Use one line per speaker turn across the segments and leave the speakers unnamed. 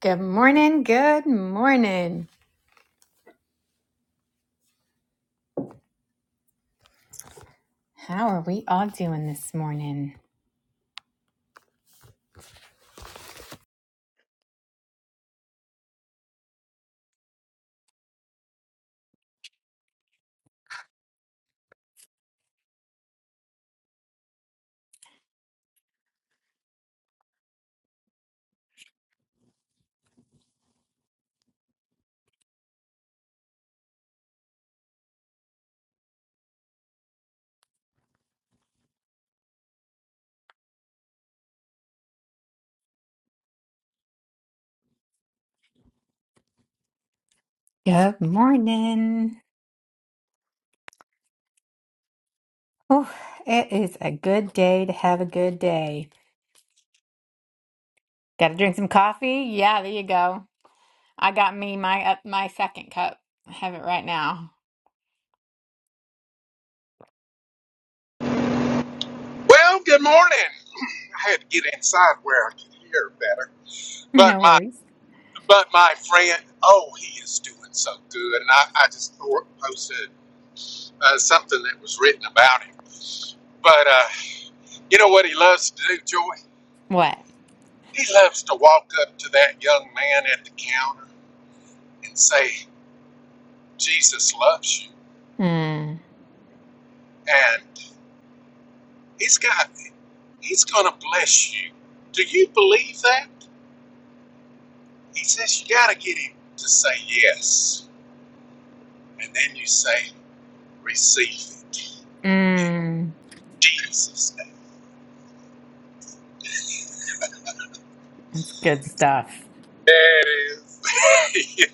Good morning. Good morning. How are we all doing this morning? Good morning. Oh, it is a good day to have a good day. Got to drink some coffee? Yeah, there you go. I got me my up my second cup. I have it right now.
Well, good morning. I had to get inside where I could hear better. But
No
my
worries.
but my friend, oh, he is doing so good, and I, I just thor- posted uh, something that was written about him. But uh, you know what he loves to do, Joy?
What?
He loves to walk up to that young man at the counter and say, "Jesus loves you,"
Mm,
and he's got he's going to bless you. Do you believe that? He says you got to get him to say yes, and then you say. Receive it in
mm,
Jesus' name.
it's good stuff.
There it is.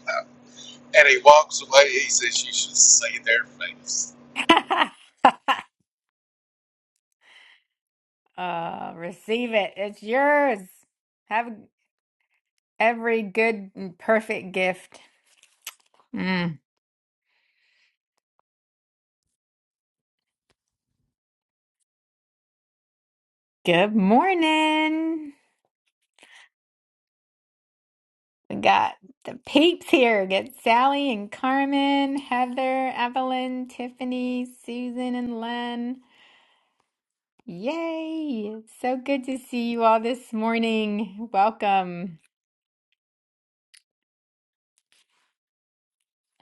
and he walks away. He says, You should see their face.
uh, receive it. It's yours. Have every good and perfect gift. Mm. Good morning. We got the peeps here. We got Sally and Carmen, Heather, Evelyn, Tiffany, Susan, and Len. Yay! It's so good to see you all this morning. Welcome,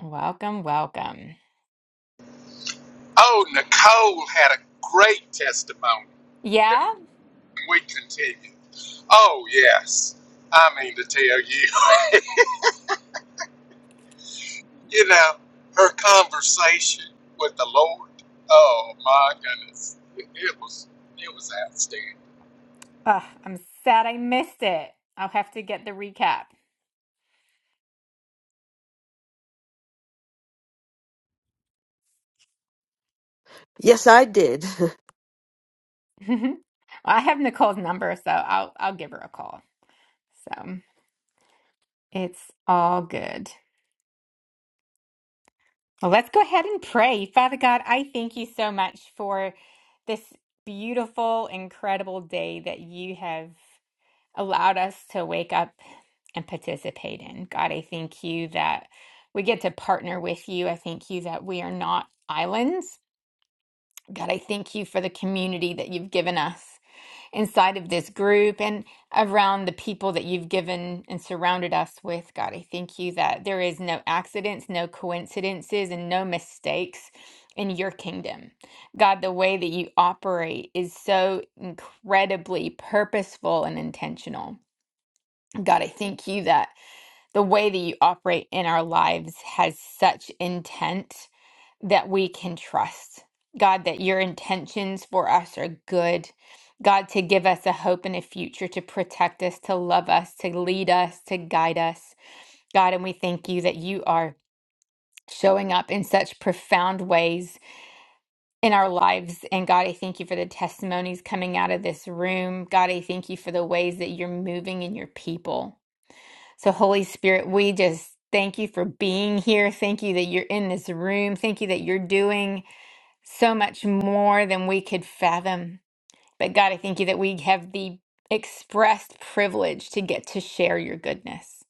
welcome, welcome.
Oh, Nicole had a great testimony that
Yeah?
we continued. Oh, yes. I mean to tell you, you know, her conversation with the Lord. Oh, my goodness. It, it was it was outstanding.
Ugh, I'm sad I missed it. I'll have to get the recap.
Yes, I did.
Well, I have Nicole's number, so I'll I'll give her a call. So it's all good. Well, let's go ahead and pray. Father God, I thank you so much for this beautiful, incredible day that you have allowed us to wake up and participate in. God, I thank you that we get to partner with you. I thank you that we are not islands. God, I thank you for the community that you've given us inside of this group and around the people that you've given and surrounded us with. God, I thank you that there is no accidents, no coincidences, and no mistakes in your kingdom. God, the way that you operate is so incredibly purposeful and intentional. God, I thank you that the way that you operate in our lives has such intent that we can trust. God, that your intentions for us are good. God, to give us a hope and a future, to protect us, to love us, to lead us, to guide us. God, and we thank you that you are showing up in such profound ways in our lives. And God, I thank you for the testimonies coming out of this room. God, I thank you for the ways that you're moving in your people. So, Holy Spirit, we just thank you for being here. Thank you that you're in this room. Thank you that you're doing so much more than we could fathom. But God, I thank you that we have the expressed privilege to get to share your goodness,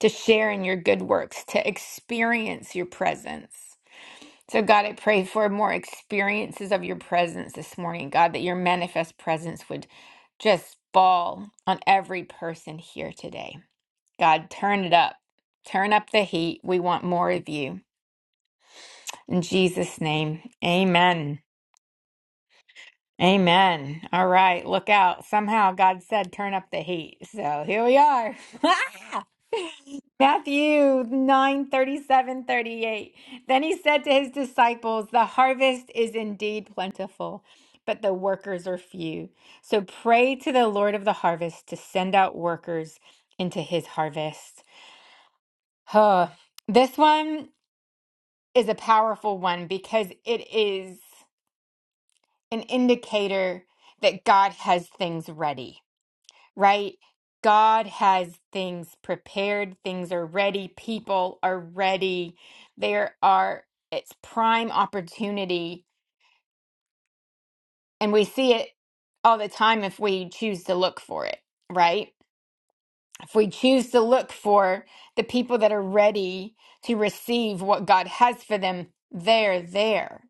to share in your good works, to experience your presence. So, God, I pray for more experiences of your presence this morning, God, that your manifest presence would just fall on every person here today. God, turn it up. Turn up the heat. We want more of you. In Jesus' name, amen. Amen. All right, look out. Somehow God said turn up the heat. So here we are. Matthew 9 37 38. Then he said to his disciples, The harvest is indeed plentiful, but the workers are few. So pray to the Lord of the harvest to send out workers into his harvest. Huh. This one is a powerful one because it is an indicator that God has things ready, right? God has things prepared, things are ready, people are ready. There are, it's prime opportunity. And we see it all the time if we choose to look for it, right? If we choose to look for the people that are ready to receive what God has for them, they're there.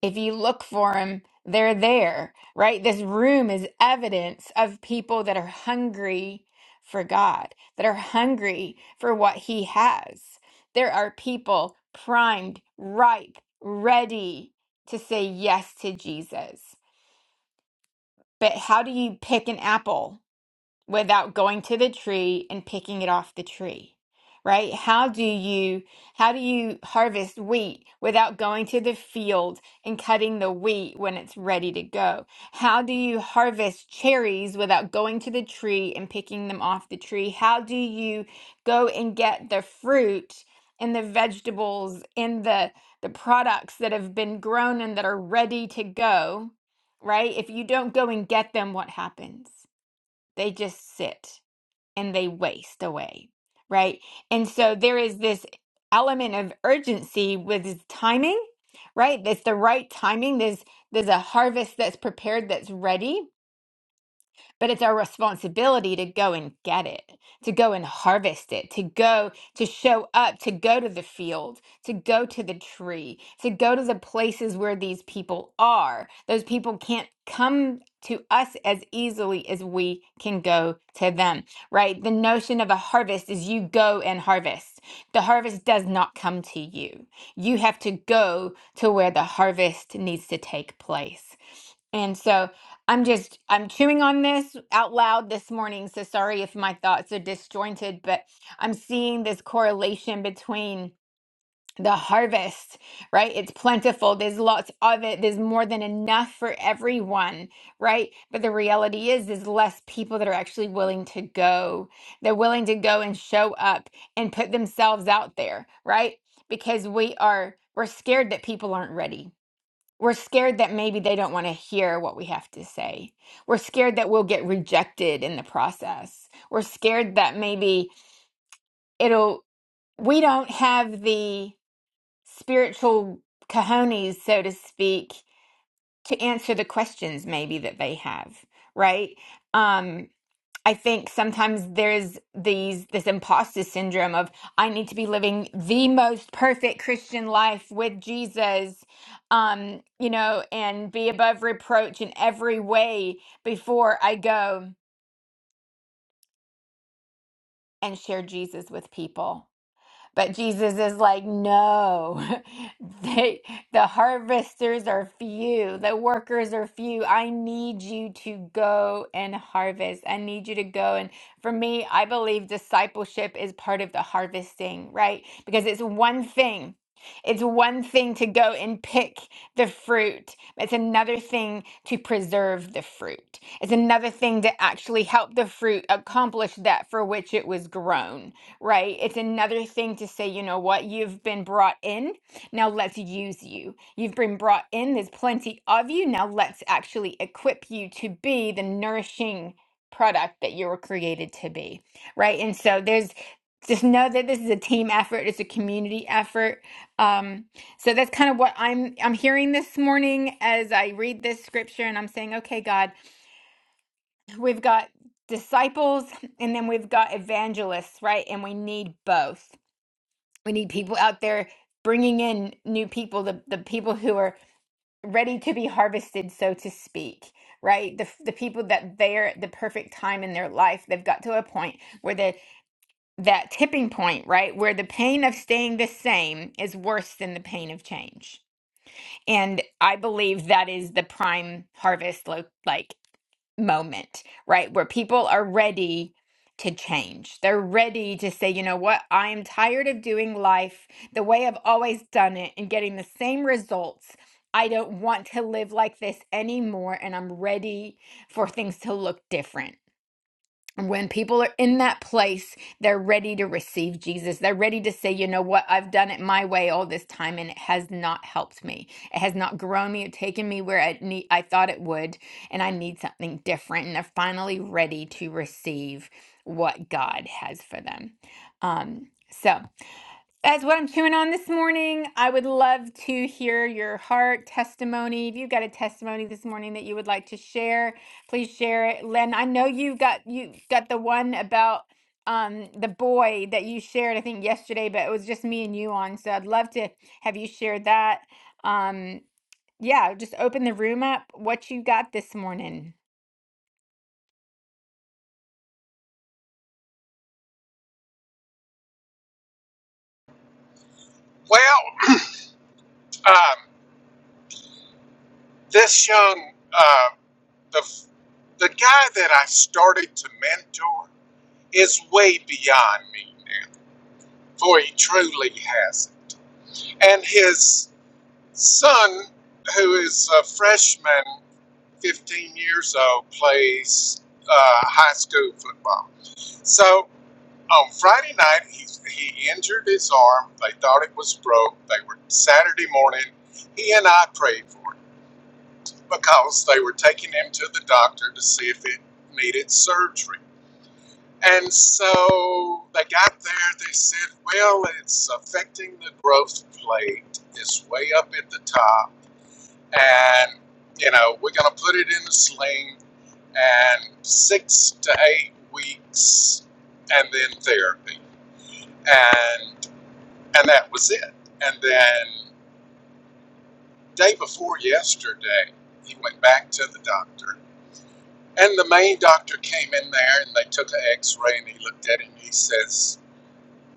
If you look for them, they're there, right? This room is evidence of people that are hungry for God, that are hungry for what He has. There are people primed, ripe, ready to say yes to Jesus. But how do you pick an apple? without going to the tree and picking it off the tree right how do you how do you harvest wheat without going to the field and cutting the wheat when it's ready to go how do you harvest cherries without going to the tree and picking them off the tree how do you go and get the fruit and the vegetables and the the products that have been grown and that are ready to go right if you don't go and get them what happens they just sit and they waste away, right? And so there is this element of urgency with this timing, right? That's the right timing. There's there's a harvest that's prepared, that's ready, but it's our responsibility to go and get it, to go and harvest it, to go to show up, to go to the field, to go to the tree, to go to the places where these people are. Those people can't come to us as easily as we can go to them, right? The notion of a harvest is you go and harvest. The harvest does not come to you. You have to go to where the harvest needs to take place. And so, I'm just I'm chewing on this out loud this morning, so sorry if my thoughts are disjointed, but I'm seeing this correlation between the harvest, right? It's plentiful. There's lots of it. There's more than enough for everyone, right? But the reality is there's less people that are actually willing to go. They're willing to go and show up and put themselves out there, right? Because we are we're scared that people aren't ready we're scared that maybe they don't want to hear what we have to say. We're scared that we'll get rejected in the process. We're scared that maybe it'll, we don't have the spiritual cojones, so to speak, to answer the questions maybe that they have, right? Um, I think sometimes there's these this imposter syndrome of I need to be living the most perfect Christian life with Jesus, um, you know, and be above reproach in every way before I go and share Jesus with people. But Jesus is like, no, they, the harvesters are few, the workers are few. I need you to go and harvest. I need you to go. And for me, I believe discipleship is part of the harvesting, right? Because it's one thing. It's one thing to go and pick the fruit. It's another thing to preserve the fruit. It's another thing to actually help the fruit accomplish that for which it was grown right? It's another thing to say, you know what, you've been brought in, now let's use you. You've been brought in, there's plenty of you, now let's actually equip you to be the nourishing product that you were created to be, right? And so there's just know that this is a team effort, it's a community effort. Um, so that's kind of what I'm I'm hearing this morning as I read this scripture and I'm saying, okay, God, we've got disciples and then we've got evangelists, right? And we need both. We need people out there bringing in new people, the, the people who are ready to be harvested, so to speak, right? The, the people that they're at the perfect time in their life. They've got to a point where the, that tipping point, right? Where the pain of staying the same is worse than the pain of change. And I believe that is the prime harvest, lo- like moment, right? Where people are ready to change. They're ready to say, you know what? I am tired of doing life the way I've always done it and getting the same results. I don't want to live like this anymore. And I'm ready for things to look different when people are in that place, they're ready to receive Jesus. They're ready to say, you know what, I've done it my way all this time and it has not helped me. It has not grown me or taken me where I, need, I thought it would. And I need something different. And they're finally ready to receive what God has for them. Um, so. That's what I'm chewing on this morning. I would love to hear your heart testimony. If you've got a testimony this morning that you would like to share, please share it. Len, I know you got you got the one about um the boy that you shared, I think yesterday, but it was just me and you on. So I'd love to have you share that. Um yeah, just open the room up. What you got this morning?
Well, um, this young. uh, The the guy that I started to mentor is way beyond me now, for he truly has it. And his son, who is a freshman, 15 years old, plays uh, high school football. So on Friday night, he, he injured his arm. They thought it was broke. They were Saturday morning. He and I prayed for it because they were taking him to the doctor to see if it needed surgery And so they got there, they said, well, it's affecting the growth plate. It's way up at the top. And, you know, we're going to put it in a sling and six to eight weeks and then therapy. And, and that was it. And then day before yesterday, he went back to the doctor. And the main doctor came in there and they took an x ray and he looked at it and he says,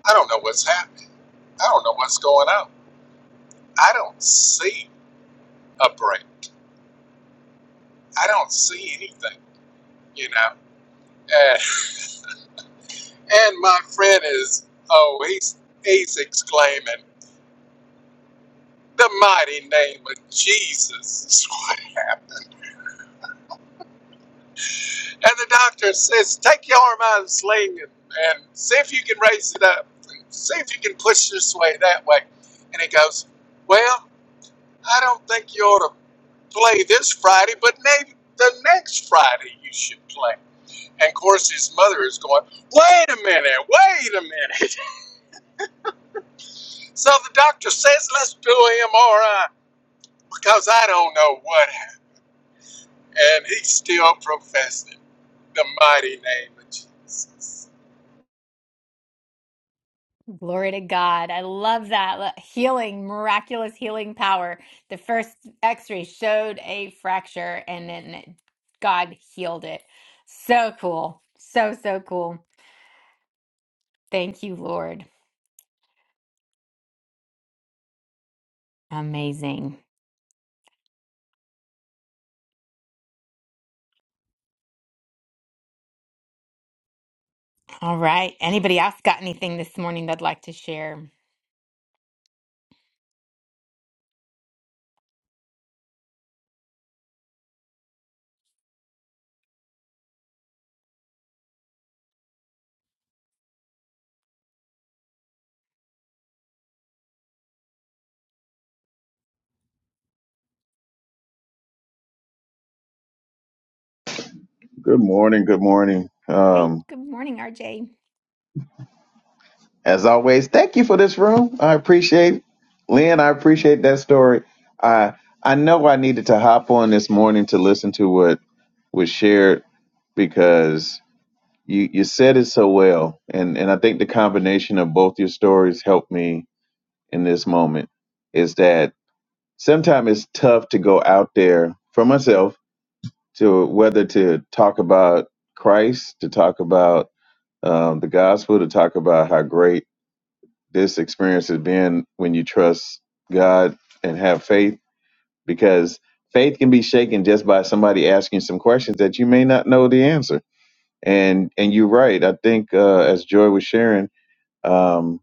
I don't know what's happening. I don't know what's going on. I don't see a break. I don't see anything, you know. And, and my friend is, oh, he's, he's exclaiming, the mighty name of Jesus is what happened. And the doctor says, take your arm out of the sling and, and see if you can raise it up and see if you can push this way, that way. And he goes, well, I don't think you ought to play this Friday, but maybe the next Friday you should play. And of course, his mother is going, Wait a minute, wait a minute. So the doctor says, Let's do MRI because I don't know what happened. And he still professed the mighty name of Jesus.
Glory to God. I love that. Lo- Healing, miraculous healing power. The first x ray showed a fracture and then God healed it. So cool. So, so cool. Thank you, Lord. Amazing. All right. Anybody else got anything this morning they'd like to share?
Good morning. Good morning.
Hey,
Um,
good morning, RJ.
as always, thank you for this room. I appreciate Lynn. I appreciate that story. I I know I needed to hop on this morning to listen to what was shared because you you said it so well, and and I think the combination of both your stories helped me in this moment. Is that sometimes it's tough to go out there for myself to whether to talk about Christ, to talk about um, the gospel to talk about how great this experience has been when you trust God and have faith, because faith can be shaken just by somebody asking some questions that you may not know the answer. And and you're right. I think uh, as Joy was sharing, um,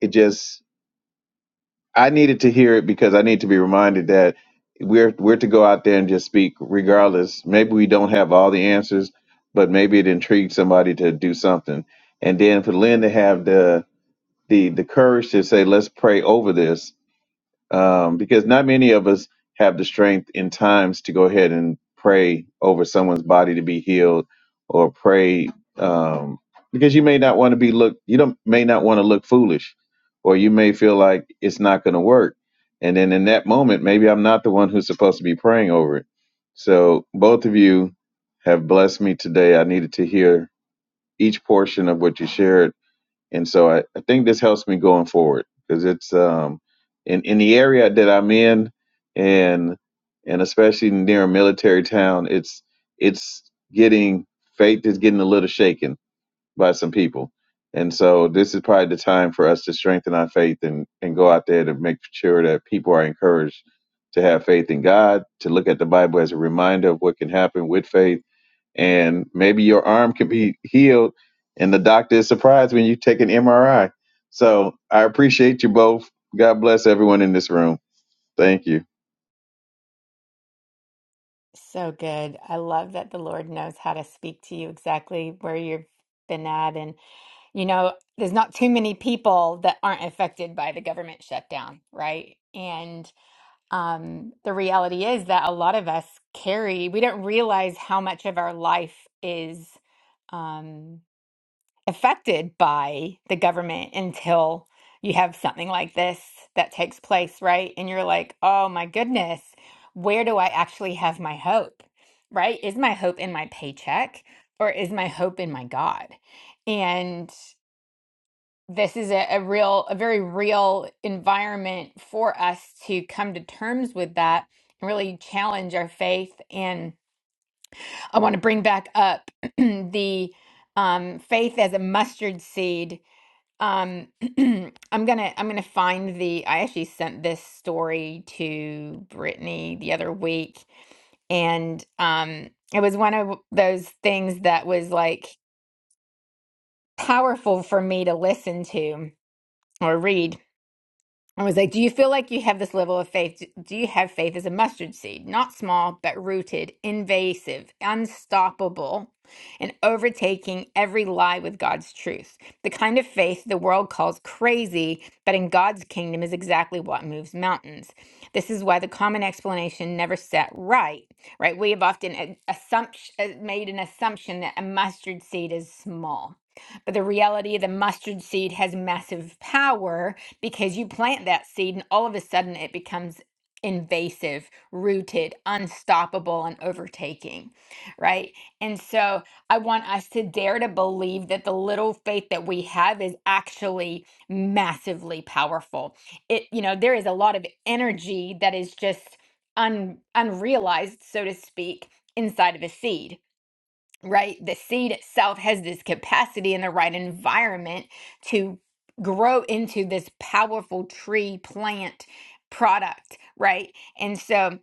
it just I needed to hear it because I need to be reminded that we're we're to go out there and just speak regardless. Maybe we don't have all the answers, but maybe it intrigued somebody to do something. And then for Lynn to have the the the courage to say let's pray over this um, because not many of us have the strength in times to go ahead and pray over someone's body to be healed or pray um, because you may not want to be look you don't may not want to look foolish or you may feel like it's not going to work and then in that moment maybe I'm not the one who's supposed to be praying over it so both of you have blessed me today I needed to hear each portion of what you shared and so I, I think this helps me going forward because it's um in in the area that I'm in and and especially near a military town it's it's getting faith is getting a little shaken by some people and so this is probably the time for us to strengthen our faith and and go out there to make sure that people are encouraged to have faith in God to look at the Bible as a reminder of what can happen with faith and maybe your arm could be healed and the doctor is surprised when you take an mri so i appreciate you both god bless everyone in this room thank you
So good. I love that the Lord knows how to speak to you exactly where you've been at You know, there's not too many people that aren't affected by the government shutdown, right? And um, the reality is that a lot of us carry, we don't realize how much of our life is um, affected by the government until you have something like this that takes place, right? And you're like, oh my goodness, where do I actually have my hope, right? Is my hope in my paycheck or is my hope in my God? And this is a, a real, a very real environment for us to come to terms with that and really challenge our faith. And I want to bring back up the um, faith as a mustard seed. Um, I'm gonna, I'm gonna find the. I actually sent this story to Brittany the other week, and um, it was one of those things that was like powerful for me to listen to or read I was like, Do you feel like you have this level of faith? Do you have faith as a mustard seed? Not small, but rooted, invasive, unstoppable, and overtaking every lie with God's truth. The kind of faith the world calls crazy, but in God's kingdom is exactly what moves mountains. This is why the common explanation never sat right, right? We have often a- assumption, uh, made an assumption that a mustard seed is small. But the reality, the mustard seed has massive power because you plant that seed and all of a sudden it becomes invasive, rooted, unstoppable, and overtaking, right? And so I want us to dare to believe that the little faith that we have is actually massively powerful. It, you know, there is a lot of energy that is just un, unrealized, so to speak, inside of a seed right? The seed itself has this capacity in the right environment to grow into this powerful tree plant product, right? And so,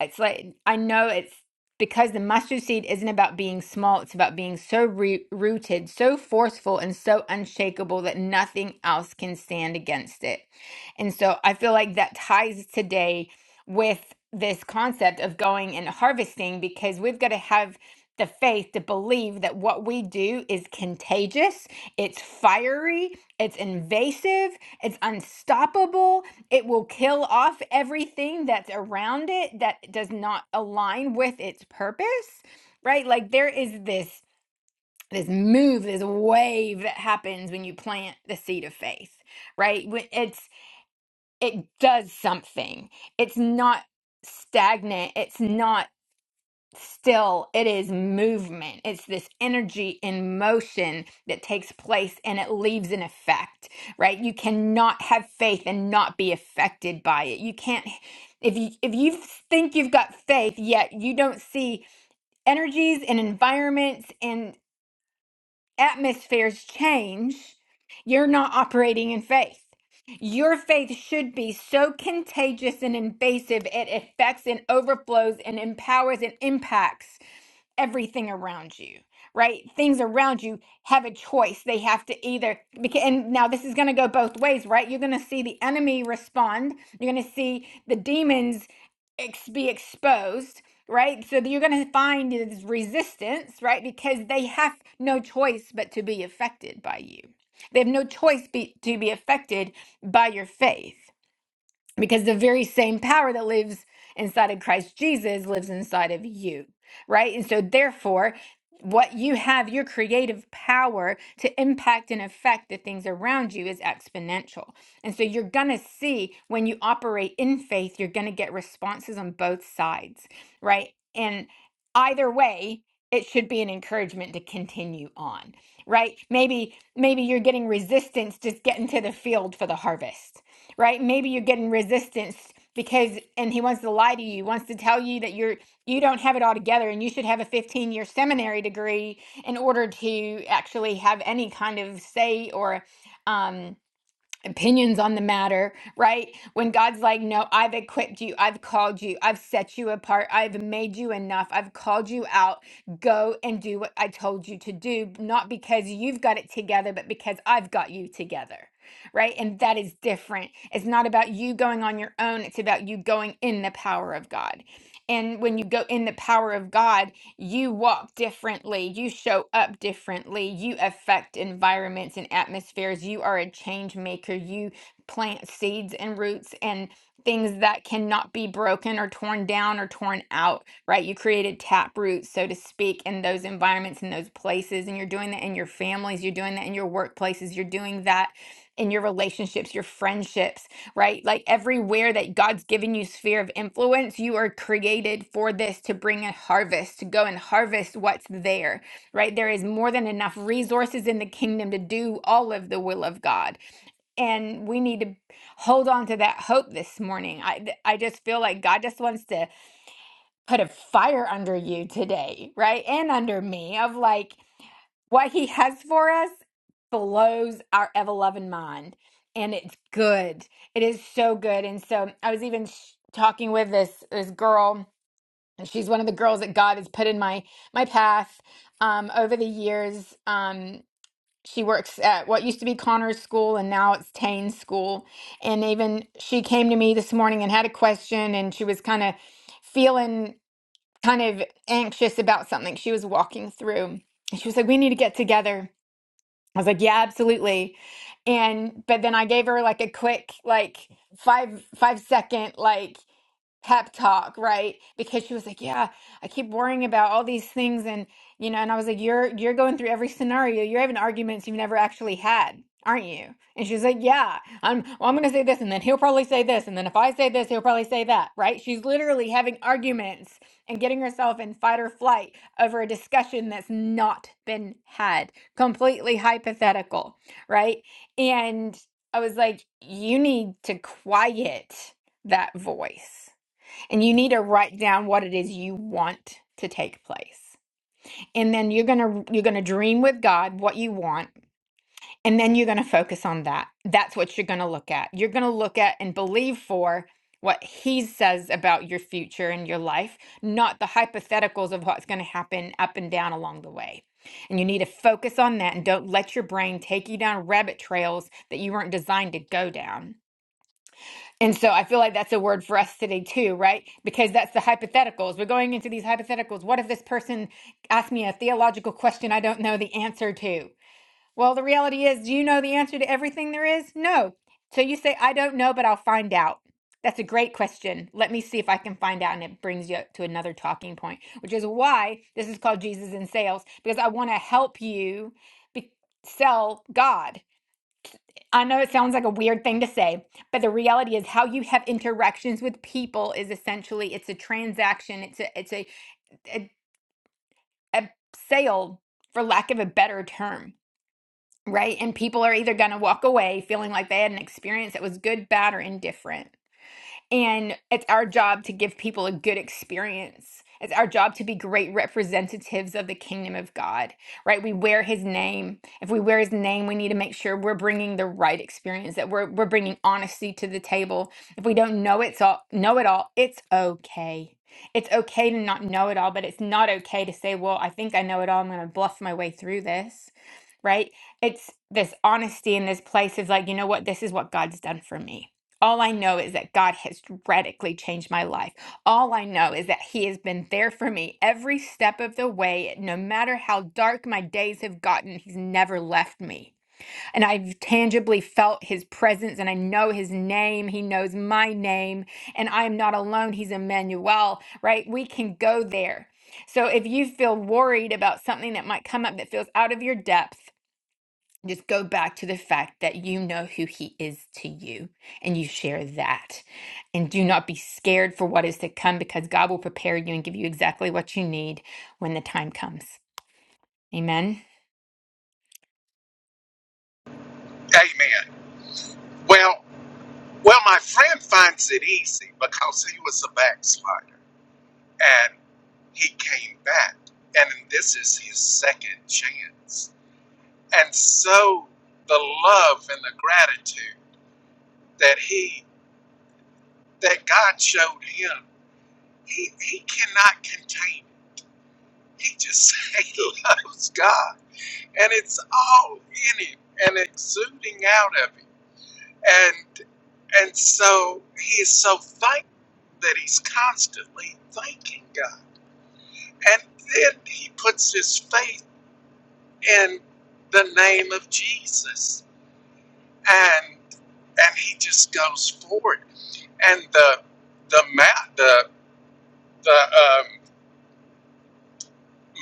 it's like I know it's because the mustard seed isn't about being small, it's about being so re- rooted, so forceful, and so unshakable that nothing else can stand against it. And so I feel like that ties today with this concept of going and harvesting because we've got to have the faith to believe that what we do is contagious, it's fiery, it's invasive, it's unstoppable it will kill off everything that's around it that does not align with its purpose, right? Like there is this this move, this wave that happens when you plant the seed of faith, right? When it's it does something. It's not stagnant. It's not still it is movement it's this energy in motion that takes place and it leaves an effect right you cannot have faith and not be affected by it you can't if you if you think you've got faith yet you don't see energies and environments and atmospheres change you're not operating in faith your faith should be so contagious and invasive it affects and overflows and empowers and impacts everything around you, right? Things around you have a choice. They have to either, and now this is going to go both ways, right? You're going to see the enemy respond, you're going to see the demons ex- be exposed, right? So you're going to find this resistance, right? Because they have no choice but to be affected by you. They have no choice be, to be affected by your faith because the very same power that lives inside of Christ Jesus lives inside of you, right? And so, therefore, what you have, your creative power to impact and affect the things around you is exponential. And so, you're going to see when you operate in faith, you're going to get responses on both sides, right? And either way, it should be an encouragement to continue on, right? Maybe maybe you're getting resistance just getting to the field for the harvest right? Maybe you're getting resistance because and he wants to lie to you, wants to tell you that you're you don't have it all together and you should have a 15-year seminary degree in order to actually have any kind of say or um opinions on the matter, right? When God's like, no, I've equipped you, I've called you, I've set you apart, I've made you enough, I've called you out. Go and do what I told you to do, not because you've got it together, but because I've got you together. Right. And that is different. It's not about you going on your own. It's about you going in the power of God. And when you go in the power of God, you walk differently, you show up differently, you affect environments and atmospheres, you are a change maker, you plant seeds and roots and things that cannot be broken or torn down or torn out, right? You created tap roots, so to speak, in those environments in those places. And you're doing that in your families, you're doing that in your workplaces, you're doing that in your relationships, your friendships right? Like everywhere that God's given you sphere of influence, you are created for this to bring a harvest, to go and harvest what's there, right? There is more than enough resources in the kingdom to do all of the will of God. And we need to hold on to that hope this morning. I I just feel like God just wants to put a fire under you today, right? And under me of like what he has for us blows our ever-loving mind and it's good it is so good and so i was even sh- talking with this this girl and she's one of the girls that god has put in my my path um over the years um she works at what used to be Connor's school and now it's Tane's school. And even she came to me this morning and had a question and she was kind of feeling kind of anxious about something she was walking through. And she was like, We need to get together I was like, yeah, absolutely. And but then I gave her like a quick like five five second like pep talk, right? Because she was like, "Yeah, I keep worrying about all these things and, you know, and I was like, "You're you're going through every scenario. You're having arguments you've never actually had, aren't you?" And she was like, "Yeah, I'm well, I'm going to say this and then he'll probably say this and then if I say this, he'll probably say that," right? She's literally having arguments and getting herself in fight or flight over a discussion that's not been had. Completely hypothetical, right? And I was like, "You need to quiet that voice." and you need to write down what it is you want to take place and then you're going to you're going to dream with god what you want and then you're going to focus on that that's what you're going to look at you're going to look at and believe for what he says about your future and your life not the hypotheticals of what's going to happen up and down along the way and you need to focus on that and don't let your brain take you down rabbit trails that you weren't designed to go down and so I feel like that's a word for us today too, right? Because that's the hypotheticals. We're going into these hypotheticals. What if this person asked me a theological question I don't know the answer to? Well, the reality is, do you know the answer to everything there is? No. So you say, I don't know, but I'll find out. That's a great question. Let me see if I can find out. And it brings you to another talking point, which is why this is called Jesus in Sales, because I want to help you be- sell God. I know it sounds like a weird thing to say, but the reality is how you have interactions with people is essentially it's a transaction, it's a it's a a, a sale for lack of a better term, right? And people are either going to walk away feeling like they had an experience that was good, bad, or indifferent and it's our job to give people a good experience. It's our job to be great representatives of the kingdom of God, right? We wear his name. If we wear his name, we need to make sure we're bringing the right experience, that we're, we're bringing honesty to the table. If we don't know it's all, know it all, it's okay. It's okay to not know it all, but it's not okay to say, well, I think I know it all. I'm going to bluff my way through this right? It's this honesty in this place is like, you know what? This is what God's done for me. All I know is that God has radically changed my life. All I know is that He has been there for me every step of the way. No matter how dark my days have gotten, He's never left me. And I've tangibly felt His presence and I know His name. He knows my name. And I am not alone. He's Emmanuel, right? We can go there. So if you feel worried about something that might come up that feels out of your depth, just go back to the fact that you know who he is to you and you share that. And do not be scared for what is to come because God will prepare you and give you exactly what you need when the time comes. Amen.
Amen. Well, well, my friend finds it easy because he was a backslider and he came back. And this is his second chance. And so the love and the gratitude that he that God showed him He, he cannot contain it. He just he loves God, and it's all in him and exuding out of him. And and so he is so thankful that he's constantly thanking God. And then he puts his faith in the name of Jesus, and and he just goes forward. And the the mount the the um,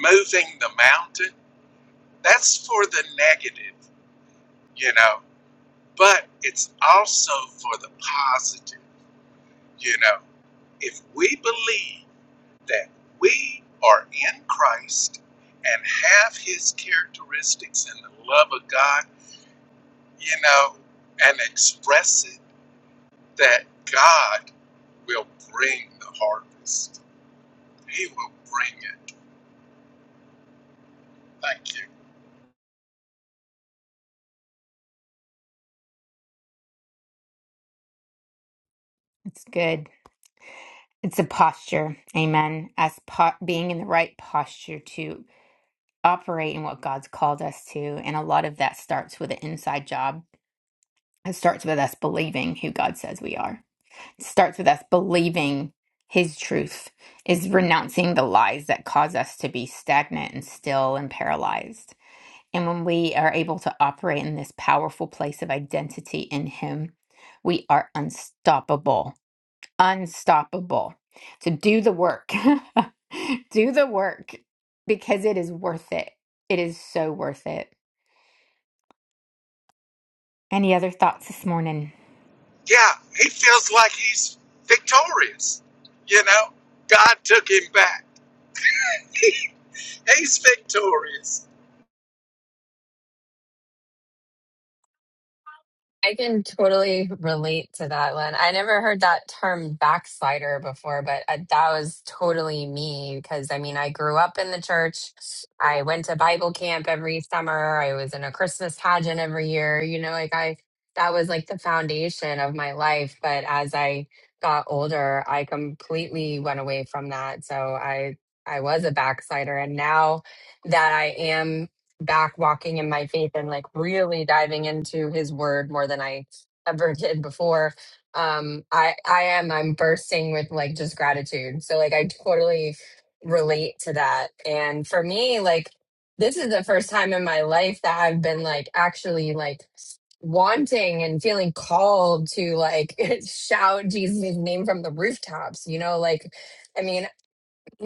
moving the mountain that's for the negative you know. But it's also for the positive, you know. If we believe that we are in Christ and have his characteristics and the love of God, you know, and express it, that God will bring the harvest. He will bring it. Thank you.
It's good. It's a posture. Amen. As po- being in the right posture to operate in what God's called us to. And a lot of that starts with an inside job. It starts with us believing who God says we are. starts with us believing his truth is renouncing the lies that cause us to be stagnant and still and paralyzed and when we are able to operate in this powerful place of identity in him we are unstoppable unstoppable to do the work do the work because it is worth it it is so worth it any other thoughts this morning
Yeah, he feels like he's victorious. You know, God took him back. He's victorious.
I can totally relate to that one. I never heard that term backslider before, but uh, that was totally me because I mean, I grew up in the church. I went to Bible camp every summer. I was in a Christmas pageant every year. You know, like I, that was like the foundation of my life. But as I got older, I completely went away from that. So I, I was a backslider. And now that I am back walking in my faith and like really diving into his word more than I ever did before. Um, I I am I'm bursting with like just gratitude. So like I totally relate to that. And for me, like this is the first time in my life that I've been like actually like wanting and feeling called to like shout Jesus' name from the rooftops, you know, like I mean,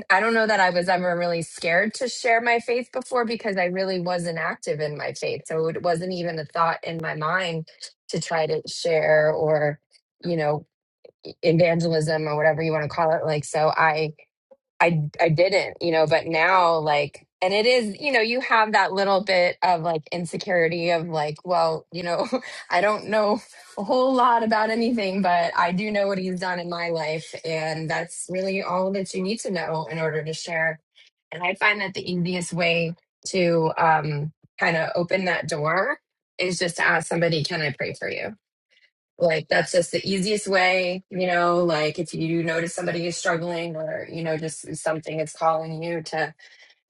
I don't know that I was ever really scared to share my faith before because I really wasn't active in my faith. So it wasn't even a thought in my mind to try to share or, you know, evangelism or whatever you want to call it. Like, so I, I I didn't, you know, but now like and it is, you know, you have that little bit of like insecurity of like, well, you know, I don't know a whole lot about anything, but I do know what he's done in my life and that's really all that you need to know in order to share. And I find that the easiest way to um kind of open that door is just to ask somebody, can I pray for you? Like that's just the easiest way, you know, like if you notice somebody is struggling or, you know, just something is calling you to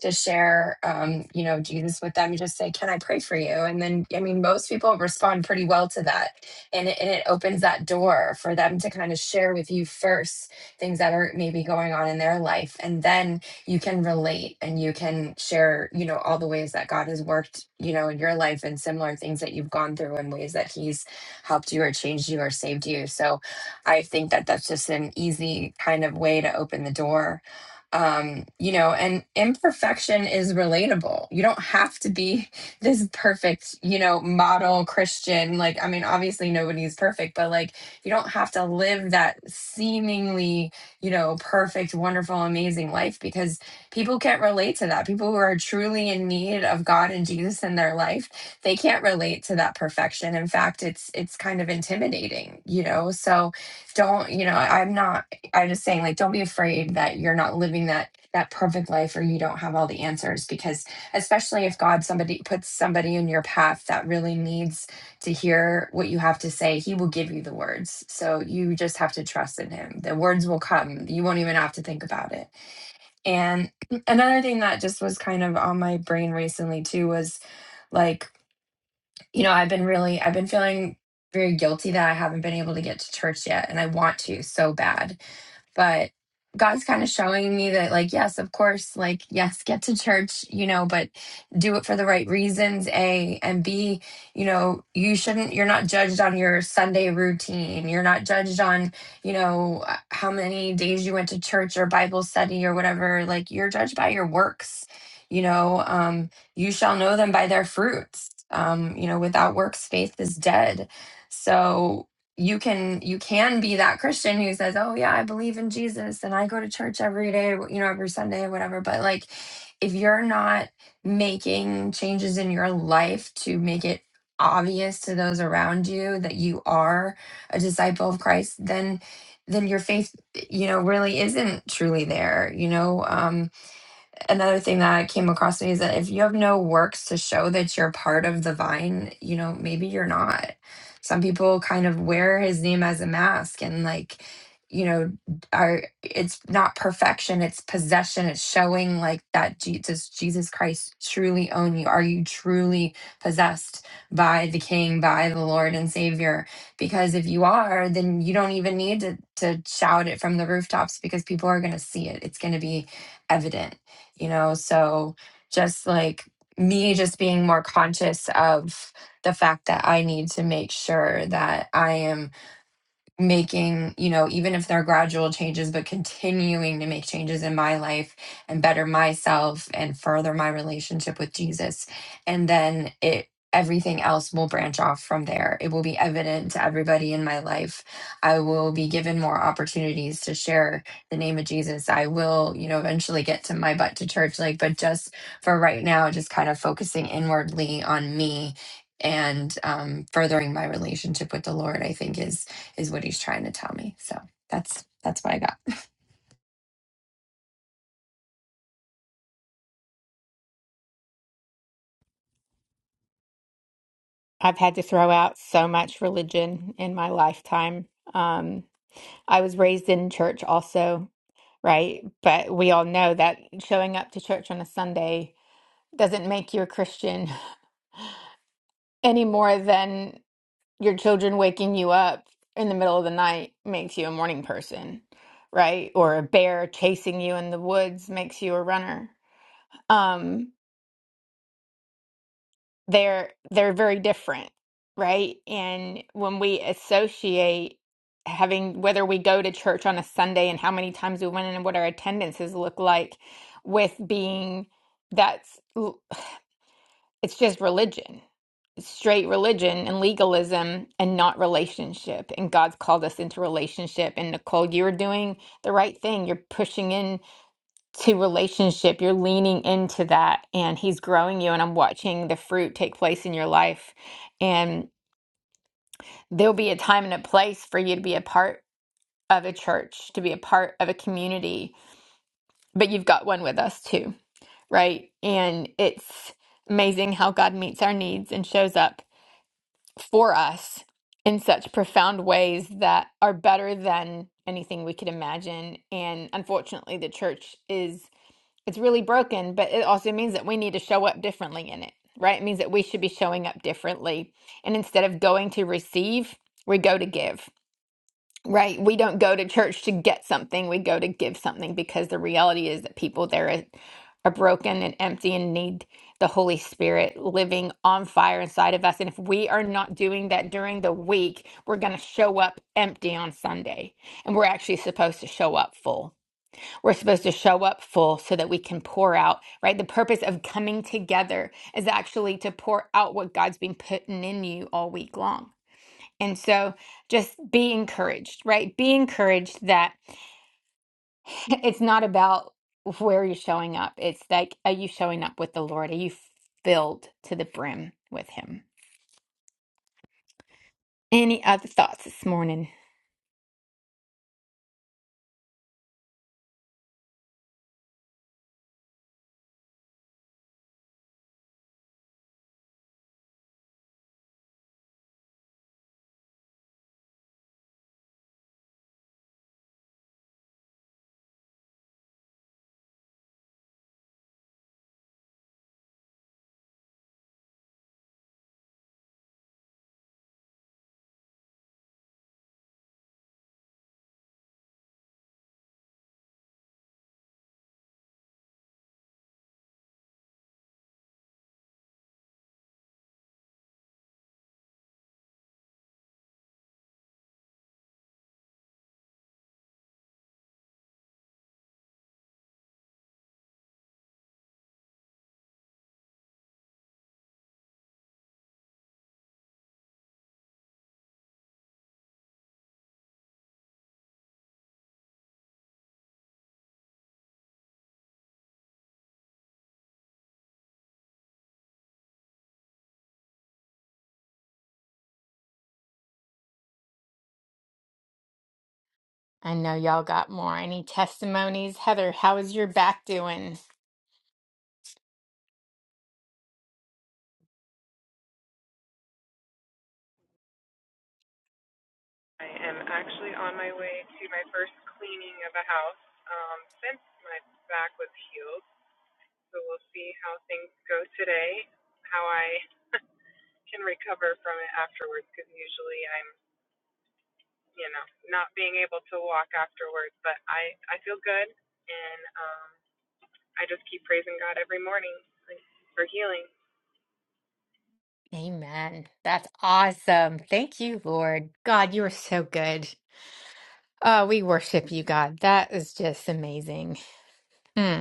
to share um, you know jesus with them you just say can i pray for you and then i mean most people respond pretty well to that and it, and it opens that door for them to kind of share with you first things that are maybe going on in their life and then you can relate and you can share you know all the ways that god has worked you know in your life and similar things that you've gone through and ways that he's helped you or changed you or saved you so i think that that's just an easy kind of way to open the door um you know and imperfection is relatable you don't have to be this perfect you know model christian like i mean obviously nobody's perfect but like you don't have to live that seemingly you know perfect wonderful amazing life because people can't relate to that people who are truly in need of god and jesus in their life they can't relate to that perfection in fact it's it's kind of intimidating you know so don't you know i'm not I'm just saying, like, don't be afraid that you're not living that that perfect life or you don't have all the answers because especially if God somebody puts somebody in your path that really needs to hear what you have to say, he will give you the words. So you just have to trust in him. The words will come. You won't even have to think about it. And another thing that just was kind of on my brain recently too was like, you know, I've been really I've been feeling very guilty that I haven't been able to get to church yet and I want to so bad but God's kind of showing me that, like, yes, of course, like, yes, get to church, you know, but do it for the right reasons, A, and B, you know, you shouldn't, you're not judged on your Sunday routine. You're not judged on, you know, uh, how many days you went to church or Bible study or whatever. Like, you're judged by your works, you know, um, you shall know them by their fruits. Um, you know, without works, faith is dead. So, you can you can be that christian who says oh yeah i believe in jesus and i go to church every day you know every sunday whatever but like if you're not making changes in your life to make it obvious to those around you that you are a disciple of christ then then your faith you know really isn't truly there you know um another thing that I came across today is that if you have no works to show that you're part of the vine, you know, maybe you're not. Some people kind of wear his name as a mask and like, you know, are it's not perfection, it's possession, it's showing like that Jesus Jesus Christ truly own you. Are you truly possessed by the King, by the Lord and Savior? Because if you are, then you don't even need to to shout it from the rooftops because people are gonna see it. It's gonna be evident you know so just like me just being more conscious of the fact that i need to make sure that i am making, you know, even if they're gradual changes, but continuing to make changes in my life and better myself and further my relationship with Jesus. And then it, everything else will branch off from there. It will be evident to everybody in my life. I will be given more opportunities to share the name of Jesus. I will, you know, eventually get to my butt to church. Like, but just for right now, just kind of focusing inwardly on me and um, furthering my relationship with the Lord, I think is is what he's trying to tell me. So that's that's what I got.
i've had to throw out so much religion in my lifetime um I was raised in church also, right? But we all know that showing up to church on a Sunday doesn't make you a Christian any more than your children waking you up in the middle of the night makes you a morning person, right? Or a bear chasing you in the woods makes you a runner. Um, they're they're very different right and when we associate having whether we go to church on a sunday and how many times we went in and what our attendances look like with being that's it's just religion straight religion and legalism and not relationship and god's called us into relationship and nicole you're doing the right thing you're pushing in to relationship. You're leaning into that, and He's growing you. And I'm watching the fruit take place in your life. And there'll be a time and a place for you to be a part of a church, to be a part of a community. But you've got one with us too, right? And it's amazing how God meets our needs and shows up for us in such profound ways that are better than anything we could imagine. And unfortunately, the church is It's really broken, but it also means that we need to show up differently in it, right? It means that we should be showing up differently. And instead of going to receive, we go to give, right? We don't go to church to get something, we go to give something because the reality is that people there are, are broken and empty and need the Holy Spirit living on fire inside of us. And if we are not doing that during the week, we're going to show up empty on Sunday. And we're actually supposed to show up full. We're supposed to show up full so that we can pour out, right? The purpose of coming together is actually to pour out what God's been putting in you all week long. And so just be encouraged, right? Be encouraged that it's not about where you're showing up. It's like, are you showing up with the Lord? Are you filled to the brim with Him? Any other thoughts this morning? I know y'all got more. Any testimonies? Heather, how is your back doing?
I am actually on my way to my first cleaning of a house um, since my back was healed. So we'll see how things go today, how I can recover from it afterwards, because usually I'm, you know, not being able to walk afterwards. But I, I feel good, and um, I just keep praising God every morning like, for healing.
Amen. That's awesome. Thank you, Lord. God, you are so good. Oh, we worship you, God. That is just amazing. Hmm.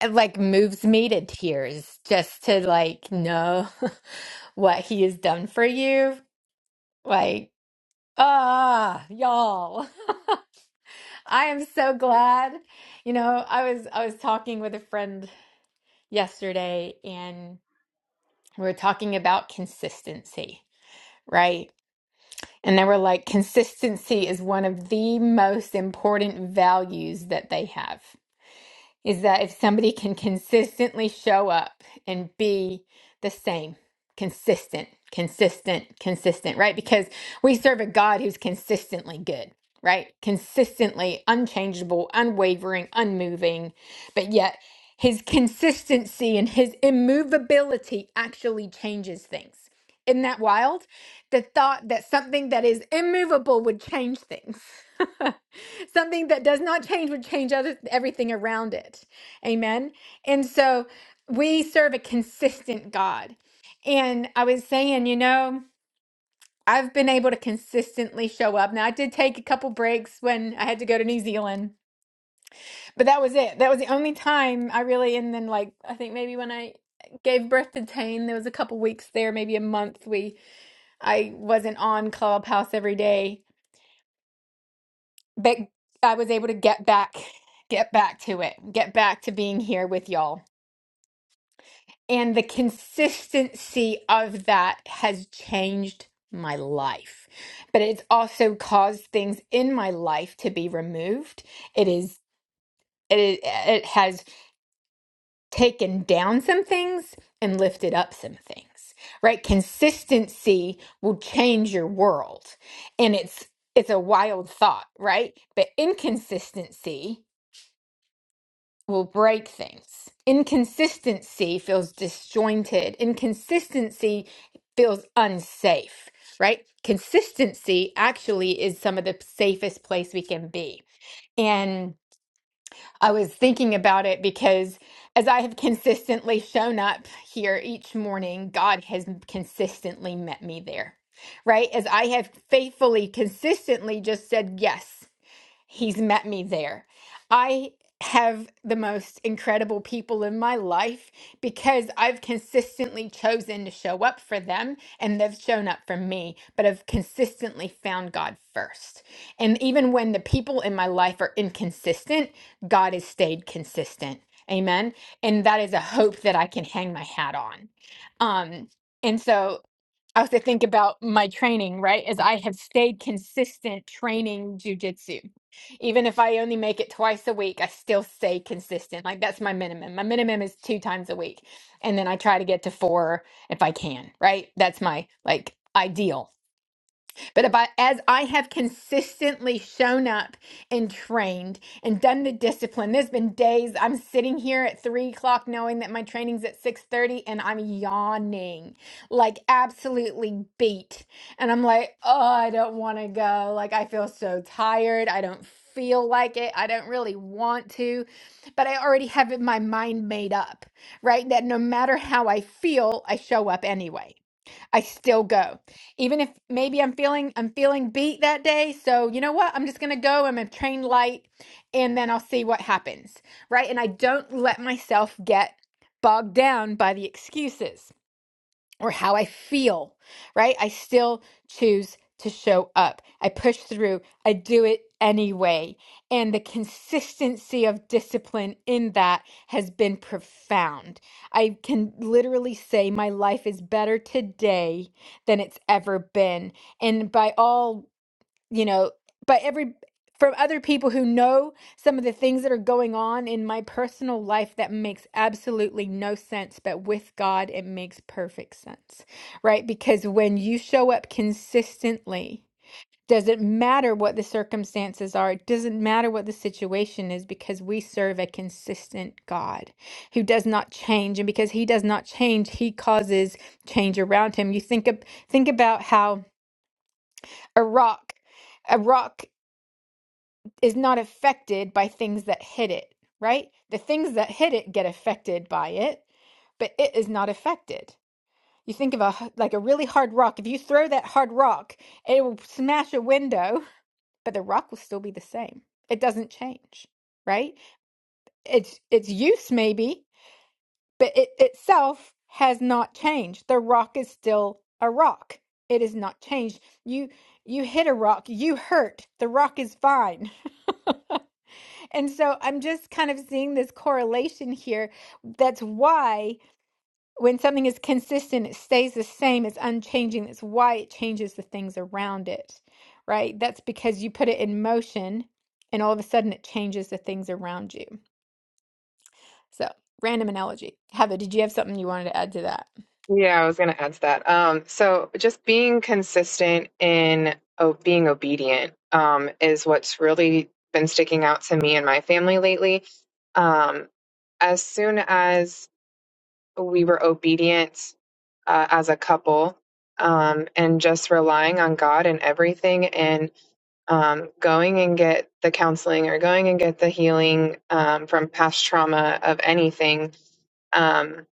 it, like moves me to tears just to like know what he has done for you. Like, ah, y'all. I am so glad. You know, I was I was talking with a friend yesterday and we were talking about consistency, right? And they were like, consistency is one of the most important values that they have. is that if somebody can consistently show up and be the same, consistent, consistent, consistent, right? Because we serve a God who's consistently good, right? Consistently unchangeable, unwavering, unmoving, but yet his consistency and his immovability actually changes things. Isn't that wild? The thought that something that is immovable would change things. something that does not change would change other, everything around it. Amen. And so we serve a consistent God. And I was saying, you know, I've been able to consistently show up. Now, I did take a couple breaks when I had to go to New Zealand, but that was it. That was the only time I really, and then like, I think maybe when I gave birth to Tane, there was a couple weeks there, maybe a month, we I wasn't on Clubhouse every day but I was able to get back, get back to it, get back to being here with y'all. And the consistency of that has changed my life. But it's also caused things in my life to be removed. It is it, it has taken down some things and lifted up some things. Right? Consistency will change your world. And it's it's a wild thought, right? But inconsistency will break things. Inconsistency feels disjointed. Inconsistency feels unsafe, right? Consistency actually is some of the safest place we can be. And I was thinking about it because as I have consistently shown up here each morning, God has consistently met me there, right? As I have faithfully, consistently just said yes. He's met me there. I have the most incredible people in my life because I've consistently chosen to show up for them and they've shown up for me, but I've consistently found God first. And even when the people in my life are inconsistent, God has stayed consistent. Amen. And that is a hope that I can hang my hat on. Um, and so I have to think about my training, right? Is I have stayed consistent training jujitsu. Even if I only make it twice a week, I still stay consistent. Like that's my minimum. My minimum is two times a week. And then I try to get to four if I can, right? That's my like ideal. But if I, as I have consistently shown up and trained and done the discipline, there's been days I'm sitting here at three o'clock knowing that my training's at six thirty, and I'm yawning, like absolutely beat, and I'm like, oh, I don't want to go. Like I feel so tired. I don't feel like it. I don't really want to, but I already have it- my mind made up, right? That no matter how I feel, I show up anyway I still go. Even if maybe I'm feeling I'm feeling beat that day, so you know what? I'm just going to go. I'm going to train light and then I'll see what happens. Right? And I don't let myself get bogged down by the excuses or how I feel, right? I still choose to show up. I push through. I do it anyway. And the consistency of discipline in that has been profound. I can literally say my life is better today than it's ever been. And by all you know but every from other people who know some of the things that are going on in my personal life that makes absolutely no sense but with God it makes perfect sense right because when you show up consistently doesn't matter what the circumstances are it doesn't matter what the situation is because we serve a consistent God who does not change and because he does not change he causes change around him you think of think about how a rock a rock is not affected by things that hit it, right? The things that hit it get affected by it, but it is not affected. You think of a h- like a really hard rock. If you throw that hard rock, it will smash a window, but the rock will still be the same. It doesn't change, right? Its its use maybe, but it itself has not changed. The rock is still a rock. It is not changed. You you hit a rock, you hurt. The rock is fine And so I'm just kind of seeing this correlation here. That's why when something is consistent, it stays the same, it's unchanging. That's why it changes the things around it, right? That's because you put it in motion and all of a sudden it changes the things around you. So, random analogy. Heather, did you have something you wanted to add to that?
Yeah, I was going to add to that. Um, so just being consistent in o- being obedient um, is what's really been sticking out to me and my family lately. Um, as soon as we were obedient uh, as a couple um, and just relying on God and everything and um, going and get the counseling or going and get the healing um, from past trauma of anything, um,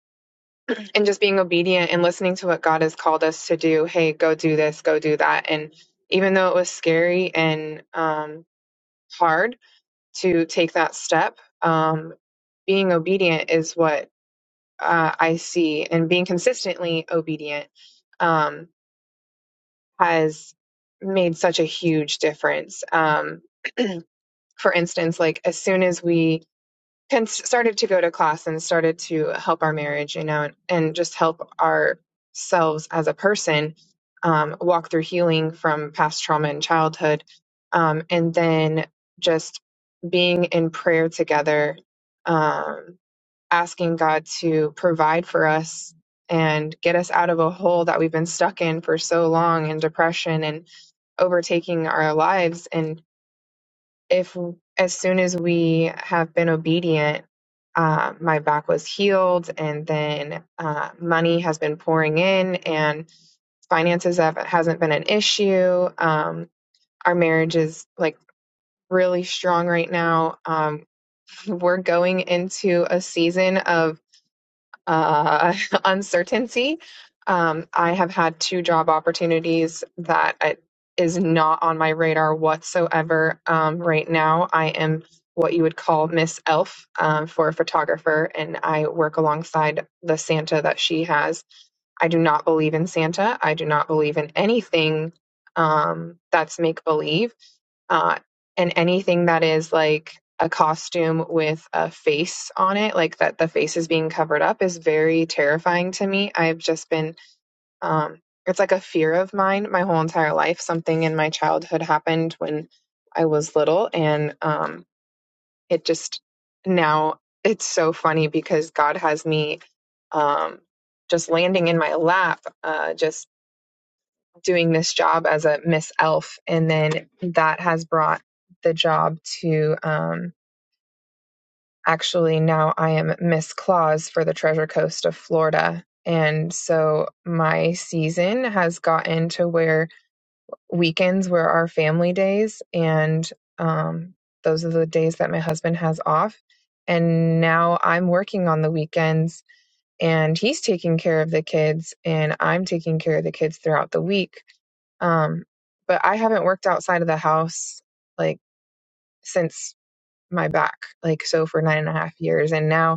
and just being obedient and listening to what God has called us to do. Hey, go do this, go do that. And even though it was scary and um, hard to take that step, um, being obedient is what uh, I see, and being consistently obedient um, has made such a huge difference. Um, for instance, like as soon as we can started to go to class and started to help our marriage, you know, and just help ourselves as a person um, walk through healing from past trauma and childhood, um, and then just being in prayer together, um, asking God to provide for us and get us out of a hole that we've been stuck in for so long in depression and overtaking our lives and if as soon as we have been obedient, uh, my back was healed, and then uh, money has been pouring in, and finances have, hasn't been an issue. Um, our marriage is like really strong right now. Um, we're going into a season of uh, uncertainty. Um, I have had two job opportunities that I, is not on my radar whatsoever. Um, right now, I am what you would call Miss Elf um, for a photographer, and I work alongside the Santa that she has. I do not believe in Santa. I do not believe in anything um, that's make believe uh, and anything that is like a costume with a face on it, like that the face is being covered up, is very terrifying to me. I've just been, um, it's like a fear of mine my whole entire life. Something in my childhood happened when I was little, and um, it just now it's so funny because God has me um, just landing in my lap, uh, just doing this job as a Miss Elf. And then that has brought the job to um, actually now I am Miss Claus for the Treasure Coast of Florida. And so my season has gotten to where weekends were our family days and um, those are the days that my husband has off and now i'm working on the weekends and he's taking care of the kids and i'm taking care of the kids throughout the week um, but i haven't worked outside of the house like since my back like so for nine and a half years and now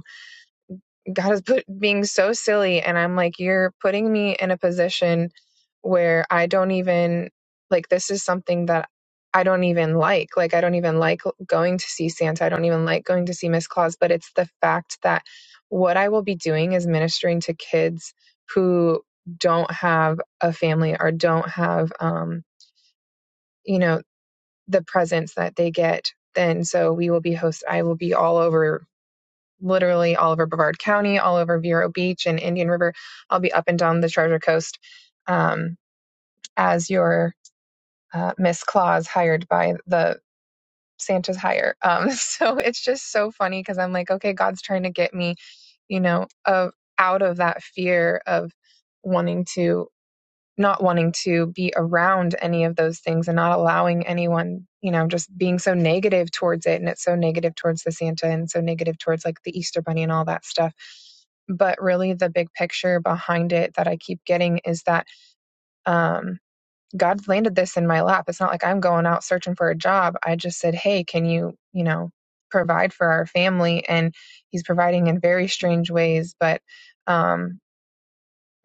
God is put being so silly and I'm like you're putting me in a position where I don't even like this is something that I don't even like. Like I don't even like going to see Santa. I don't even like going to see Miss Claus, but it's the fact that what I will be doing is ministering to kids who don't have a family or don't have um you know the presents that they get then so we will be host I will be all over literally all over Brevard County, all over Vero Beach and Indian River. I'll be up and down the Treasure Coast um, as your uh, Miss Claus hired by the Santa's hire. Um, so it's just so funny because I'm like, okay, God's trying to get me, you know, of out of that fear of wanting to not wanting to be around any of those things and not allowing anyone, you know, just being so negative towards it. And it's so negative towards the Santa and so negative towards like the Easter Bunny and all that stuff. But really, the big picture behind it that I keep getting is that um, God landed this in my lap. It's not like I'm going out searching for a job. I just said, hey, can you, you know, provide for our family? And He's providing in very strange ways. But, um,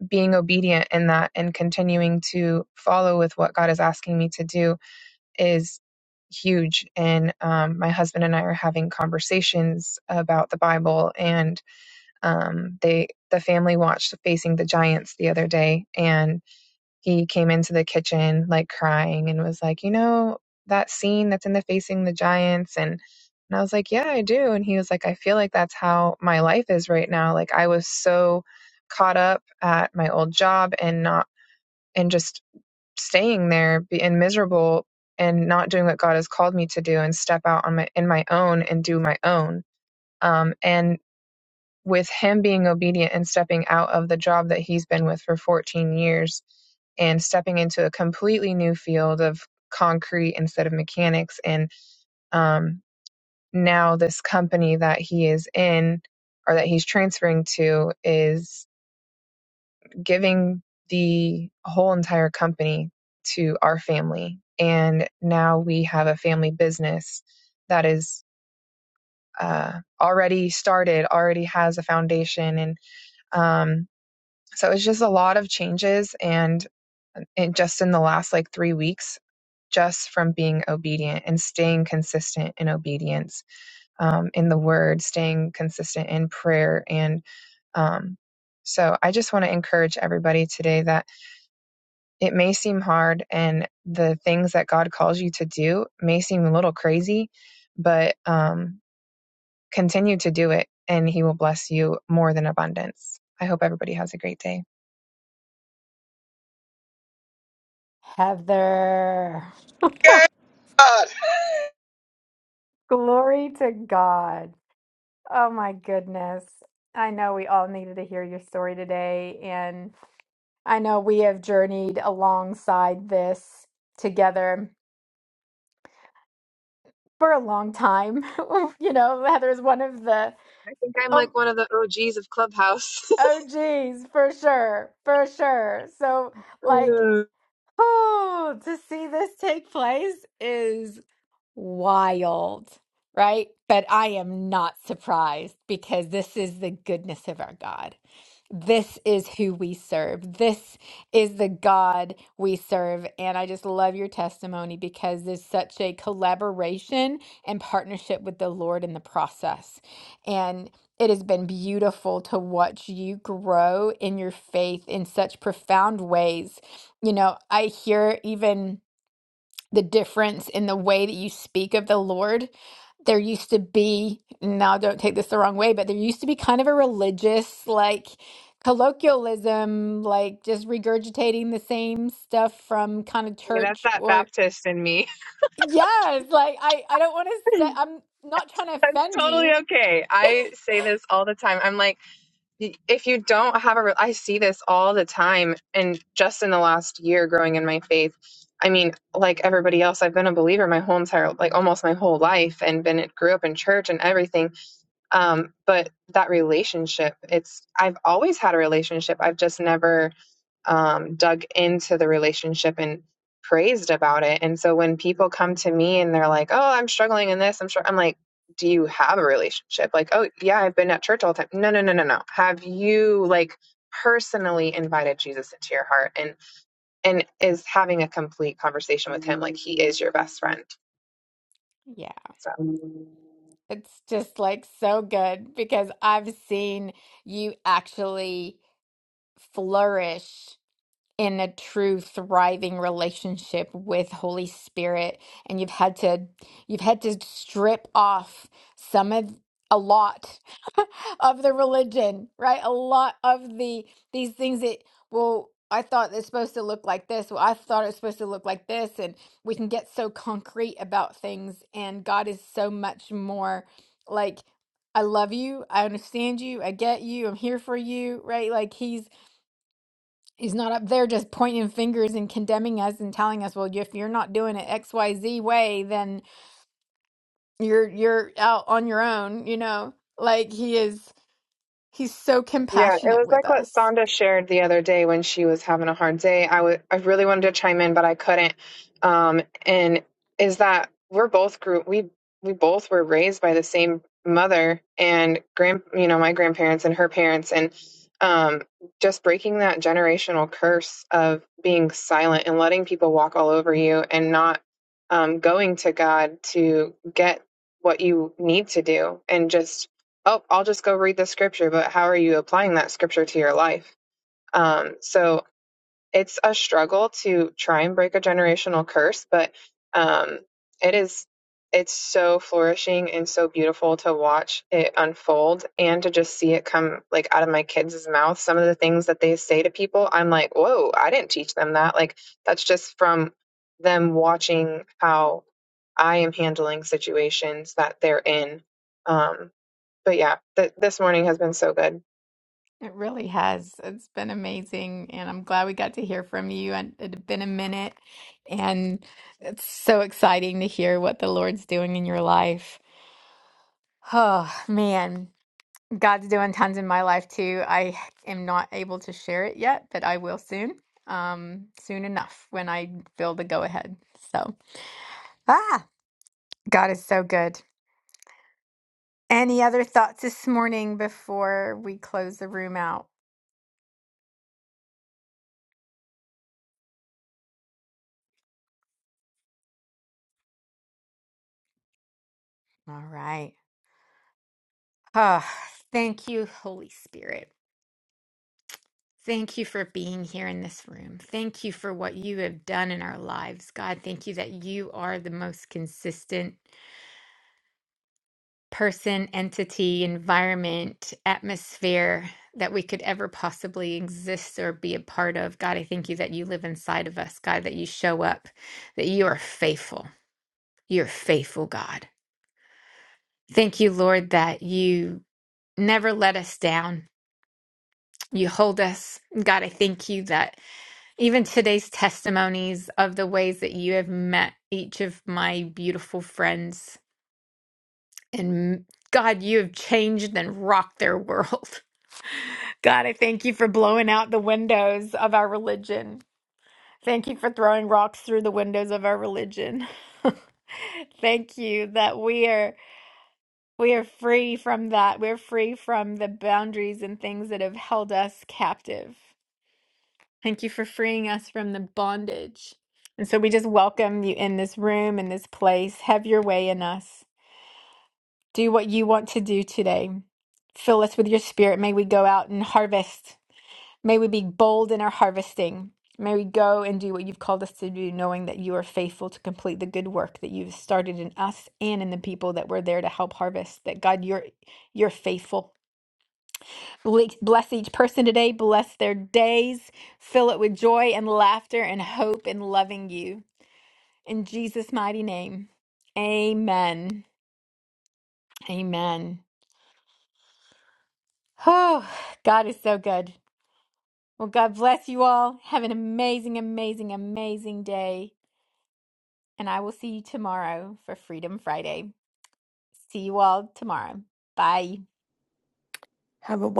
being obedient in that and continuing to follow with what God is asking me to do is huge. And um, my husband and I are having conversations about the Bible, and um, they the family watched Facing the Giants the other day, and he came into the kitchen like crying and was like, You know, that scene that's in the Facing the Giants. And, and I was like, Yeah, I do. And he was like, I feel like that's how my life is right now. Like, I was so caught up at my old job and not, and just staying there be- and miserable and not doing what God has called me to do and step out on my, in my own and do my own. Um, and with him being obedient and stepping out of the job that he's been with for 14 years and stepping into a completely new field of concrete instead of mechanics and um, now this company that he is in or that he's transferring to is giving the whole entire company to our family and now we have a family business that is uh, already started already has a foundation and um, So it's just a lot of changes. And, and just in the last like three weeks, just from being obedient and staying consistent in obedience um, in the word, staying consistent in prayer. And um, so I just want to encourage everybody today that it may seem hard and the things that God calls you to do may seem a little crazy, but um, continue to do it and He will bless you more than abundance. I hope everybody has a great day.
Heather.
Yeah. God.
Glory to God. Oh my goodness. I know we all needed to hear your story today. and. I know we have journeyed alongside this together for a long time. You know, Heather's one of the
I think I'm
um,
like one of the OGs of Clubhouse.
OGs for sure, for sure. So, like,
Ooh,
oh, to see this take place is Wild, right? But I am not surprised because this is the goodness of our God. This is who we serve. This is the God we serve. And I just love your testimony because there's such a collaboration and partnership with the Lord in the process. And it has been beautiful to watch you grow in your faith in such profound ways. You know, I hear even the difference in the way that you speak of the Lord. There used to be, now don't take this the wrong way, but there used to be kind of a religious, like colloquialism, like just regurgitating the same stuff from kind of
That's
church
that
or,
Baptist in me.
yes, like I, I don't want to say, I'm not trying to
That's
offend
totally
you.
okay. I say this all the time. I'm like, y- if you don't have a, re- I see this all the time. And just in the last year growing in my faith, I mean, like everybody else, I've been a believer my whole entire, like almost my whole life and been, grew up in church and everything. Um, but that relationship, it's, I've always had a relationship. I've just never um, dug into the relationship and praised about it. And so when people come to me and they're like, "Oh, I'm struggling in this," I'm sure I'm like, "Do you have a relationship?" Like, "Oh, yeah, I've been at church all the time." No, no, no, no, no. Have you like personally invited Jesus into your heart and and is having a complete conversation with him like he is your best friend.
Yeah,
So.
it's just like so good because I've seen you actually flourish in a true thriving relationship with Holy Spirit and you've had to you've had to strip off some of a lot of the religion, right? A lot of the these things that well I thought it's supposed to look like this. Well, I thought it's supposed to look like this and we can get so concrete about things and God is so much more like I love you. I understand you. I get you. I'm here for you, right? Like he's He's not up there just pointing fingers and condemning us and telling us, well, if you're not doing it XYZ way, then you're you're out on your own, you know? Like he is he's so
Yeah, it
compassionate
was
with
like what
us.
Sonda shared the other day when she was having a hard day. I would, I really wanted to chime in, but I couldn't. Um, and is that we're both grew we we both were raised by the same mother and grand you know my grandparents and her parents and um just breaking that generational curse of being silent and letting people walk all over you and not um going to God to get what you need to do and just oh, I'll just go read the scripture, but how are you applying that scripture to your life? Um, so it's a struggle to try and break a generational curse, but um, it is it's so flourishing and so beautiful to watch it unfold and to just see it come like out of my kids' mouth. Some of the things that they say to people, I'm like, whoa, I didn't teach them that. Like that's just from them watching how I am handling situations that they're in. Um, but yeah, th- this morning has been so good.
It really has. It's been amazing and I'm glad we got to hear from you. And it had been a minute and it's so exciting to hear what the Lord's doing in your life. Oh, man. God's doing tons in my life too. I am not able to share it yet, but I will soon. Um, soon enough when I feel the go ahead. So, ah, God is so good. Any other thoughts this morning before we close the room out? All right. Oh, thank you, Holy Spirit. Thank you for being here in this room. Thank you for what you have done in our lives, God. Thank you that you are the most consistent person, entity, environment, atmosphere that we could ever possibly exist or be a part of. God, I thank you that you live inside of us, God, that you show up, that you are faithful. You're faithful, God. Thank you, Lord, that you never let us down. You hold us. God, I thank you that even today's testimonies of the ways that you have met each of my beautiful friends and God, you have changed and rocked their world. God, I thank you for blowing out the windows of our religion. Thank you for throwing rocks through the windows of our religion. thank you that we are we are free from that. We're free from the boundaries and things that have held us captive. Thank you for freeing us from the bondage. And so we just welcome you in this room, in this place. Have your way in us. Do what you want to do today. Fill us with your spirit. May we go out and harvest May we be bold in our harvesting. May we go and do what you've called us to do, knowing that you are faithful to complete the good work that you've started in us and in the people that were there to help harvest. That God, you're you're faithful. Ble- Bless each person today. Bless their days. Fill it with joy and laughter and hope and loving you. In Jesus' mighty name. Amen. Amen. Oh, God is so good. Well, God bless you all. Have an amazing, amazing, amazing day. And I will see you tomorrow for Freedom Friday. See you all tomorrow. Bye.
Have a blessed